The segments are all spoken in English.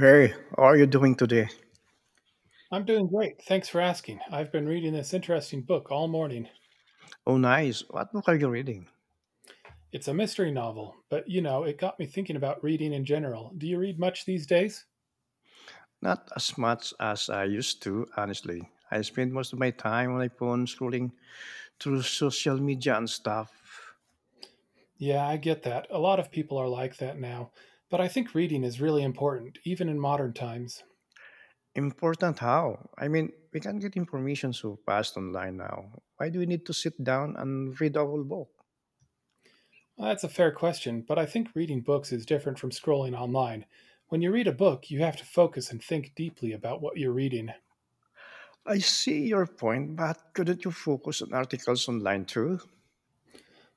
Hey, how are you doing today? I'm doing great. Thanks for asking. I've been reading this interesting book all morning. Oh, nice. What book are you reading? It's a mystery novel, but it got me thinking about reading in general. Do you read much these days? Not as much as I used to, honestly. I spend most of my time on my phone scrolling through social media and stuff. Yeah, I get that. A lot of people are like that now. But I think reading is really important, even in modern times. Important how? I mean, we can get information so fast online now. Why do we need to sit down and read a whole book? Well, that's a fair question, but I think reading books is different from scrolling online. When you read a book, you have to focus and think deeply about what you're reading. I see your point, but couldn't you focus on articles online too?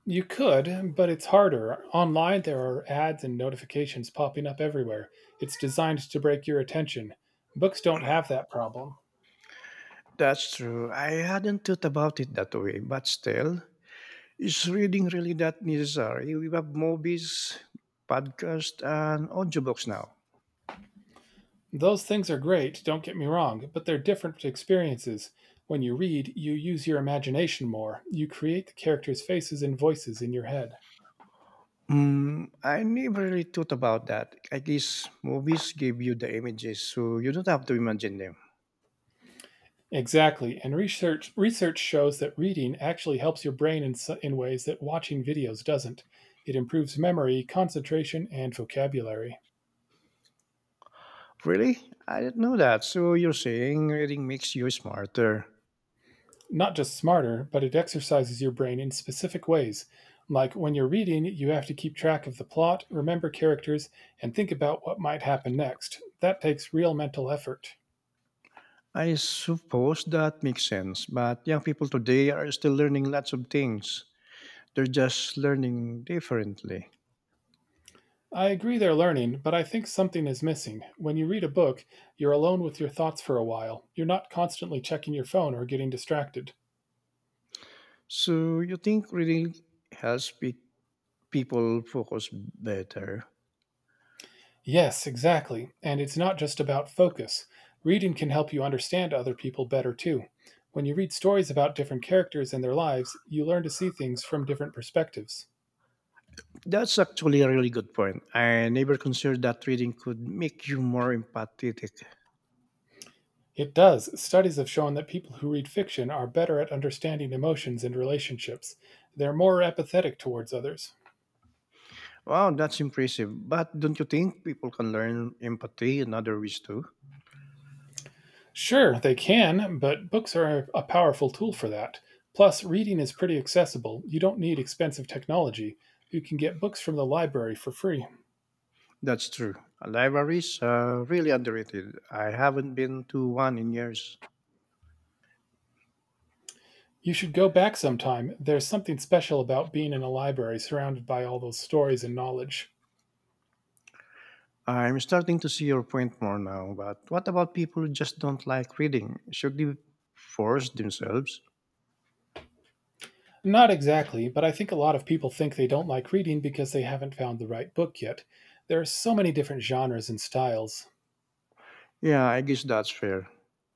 You could, but it's harder. Online, there are ads and notifications popping up everywhere. It's designed to break your attention. Books don't have that problem. That's true. I hadn't thought about it that way, but still, is reading really that necessary? We have movies, podcast, and audiobooks now. Those things are great, don't get me wrong, but they're different experiences. When you read, you use your imagination more. You create the characters' faces and voices in your head. Mm, I never really thought about that. At least movies give you the images, so you don't have to imagine them. Exactly, and research shows that reading actually helps your brain in ways that watching videos doesn't. It improves memory, concentration, and vocabulary. Really? I didn't know that. So you're saying reading makes you smarter. Not just smarter, but it exercises your brain in specific ways. Like when you're reading, you have to keep track of the plot, remember characters, and think about what might happen next. That takes real mental effort. I suppose that makes sense, but young people today are still learning lots of things. They're just learning differently. I agree they're learning, but I think something is missing. When you read a book, you're alone with your thoughts for a while. You're not constantly checking your phone or getting distracted. So you think reading helps people focus better. Yes, exactly. And it's not just about focus. Reading can help you understand other people better too. When you read stories about different characters and their lives, you learn to see things from different perspectives. That's actually a really good point. I never considered that reading could make you more empathetic. It does. Studies have shown that people who read fiction are better at understanding emotions and relationships. They're more empathetic towards others. Wow, that's impressive. But don't you think people can learn empathy in other ways too? Sure, they can, but books are a powerful tool for that. Plus, reading is pretty accessible. You don't need expensive technology. You can get books from the library for free. That's true. Libraries are really underrated. I haven't been to one in years. You should go back sometime. There's something special about being in a library surrounded by all those stories and knowledge. I'm starting to see your point more now, but what about people who just don't like reading? Should they force themselves? Not exactly, but I think a lot of people think they don't like reading because they haven't found the right book yet. There are so many different genres and styles. Yeah, I guess that's fair.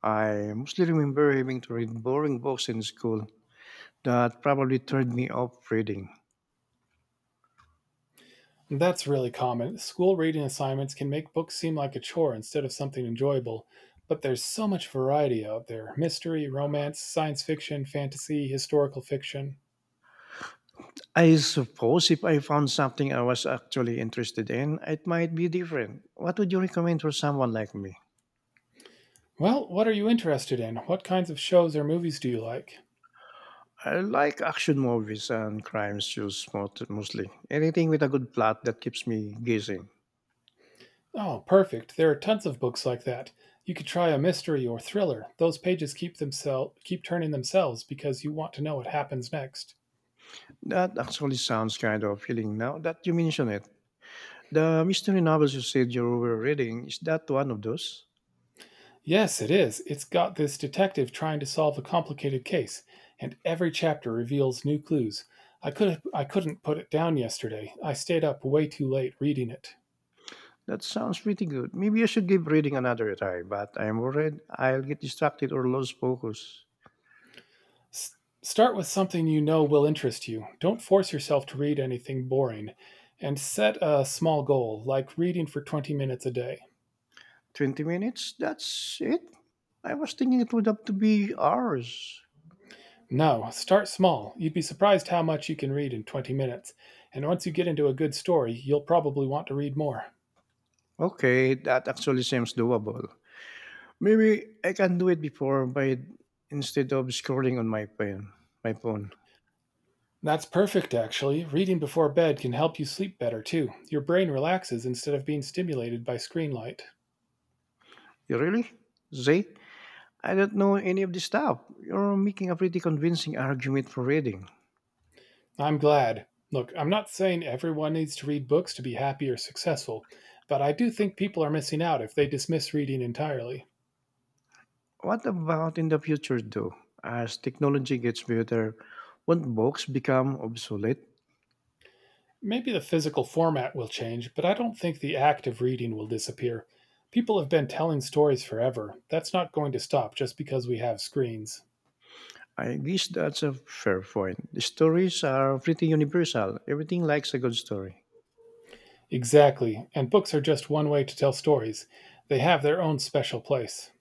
I mostly remember having to read boring books in school that probably turned me off reading. That's really common. School reading assignments can make books seem like a chore instead of something enjoyable. But there's so much variety out there: mystery, romance, science fiction, fantasy, historical fiction. I suppose if I found something I was actually interested in, it might be different. What would you recommend for someone like me? Well, what are you interested in? What kinds of shows or movies do you like? I like action movies and crime shows mostly. Anything with a good plot that keeps me guessing. Oh, perfect. There are tons of books like that. You could try a mystery or thriller. Those pages keep turning themselves because you want to know what happens next. That actually sounds kind of appealing now that you mention it. The mystery novels you said you were reading, is that one of those? Yes, it is. It's got this detective trying to solve a complicated case, and every chapter reveals new clues. I couldn't put it down yesterday. I stayed up way too late reading it. That sounds pretty good. Maybe I should give reading another try, but I'm worried I'll get distracted or lose focus. S- start with something you know will interest you. Don't force yourself to read anything boring, and set a small goal like reading for 20 minutes a day. 20 minutes? That's it? I was thinking it would have to be hours. No, start small. You'd be surprised how much you can read in 20 minutes. And once you get into a good story, you'll probably want to read more. Okay, that actually seems doable. Maybe I can do it before by instead of scrolling on my phone. That's perfect, actually. Reading before bed can help you sleep better, too. Your brain relaxes instead of being stimulated by screen light. You really? Zay? I don't know any of this stuff. You're making a pretty convincing argument for reading. I'm glad. Look, I'm not saying everyone needs to read books to be happy or successful, but I do think people are missing out if they dismiss reading entirely. What about in the future, though? As technology gets better, won't books become obsolete? Maybe the physical format will change, but I don't think the act of reading will disappear. People have been telling stories forever. That's not going to stop just because we have screens. I guess that's a fair point. The stories are pretty universal. Everything likes a good story. Exactly, and books are just one way to tell stories. They have their own special place.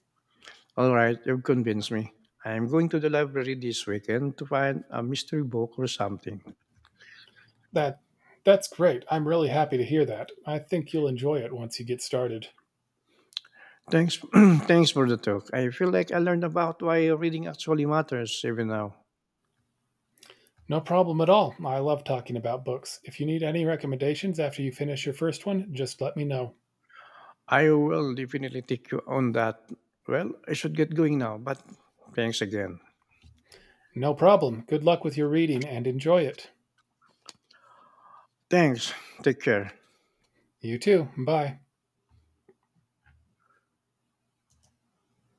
All right, you've convinced me. I'm going to the library this weekend to find a mystery book or something. That that's great. I'm really happy to hear that. I think you'll enjoy it once you get started. Thanks, thanks for the talk. I feel like I learned about why reading actually matters even now. No problem at all. I love talking about books. If you need any recommendations after you finish your first one, just let me know. I will definitely take you on that. Well, I should get going now, but thanks again. No problem. Good luck with your reading and enjoy it. Thanks. Take care. You too. Bye.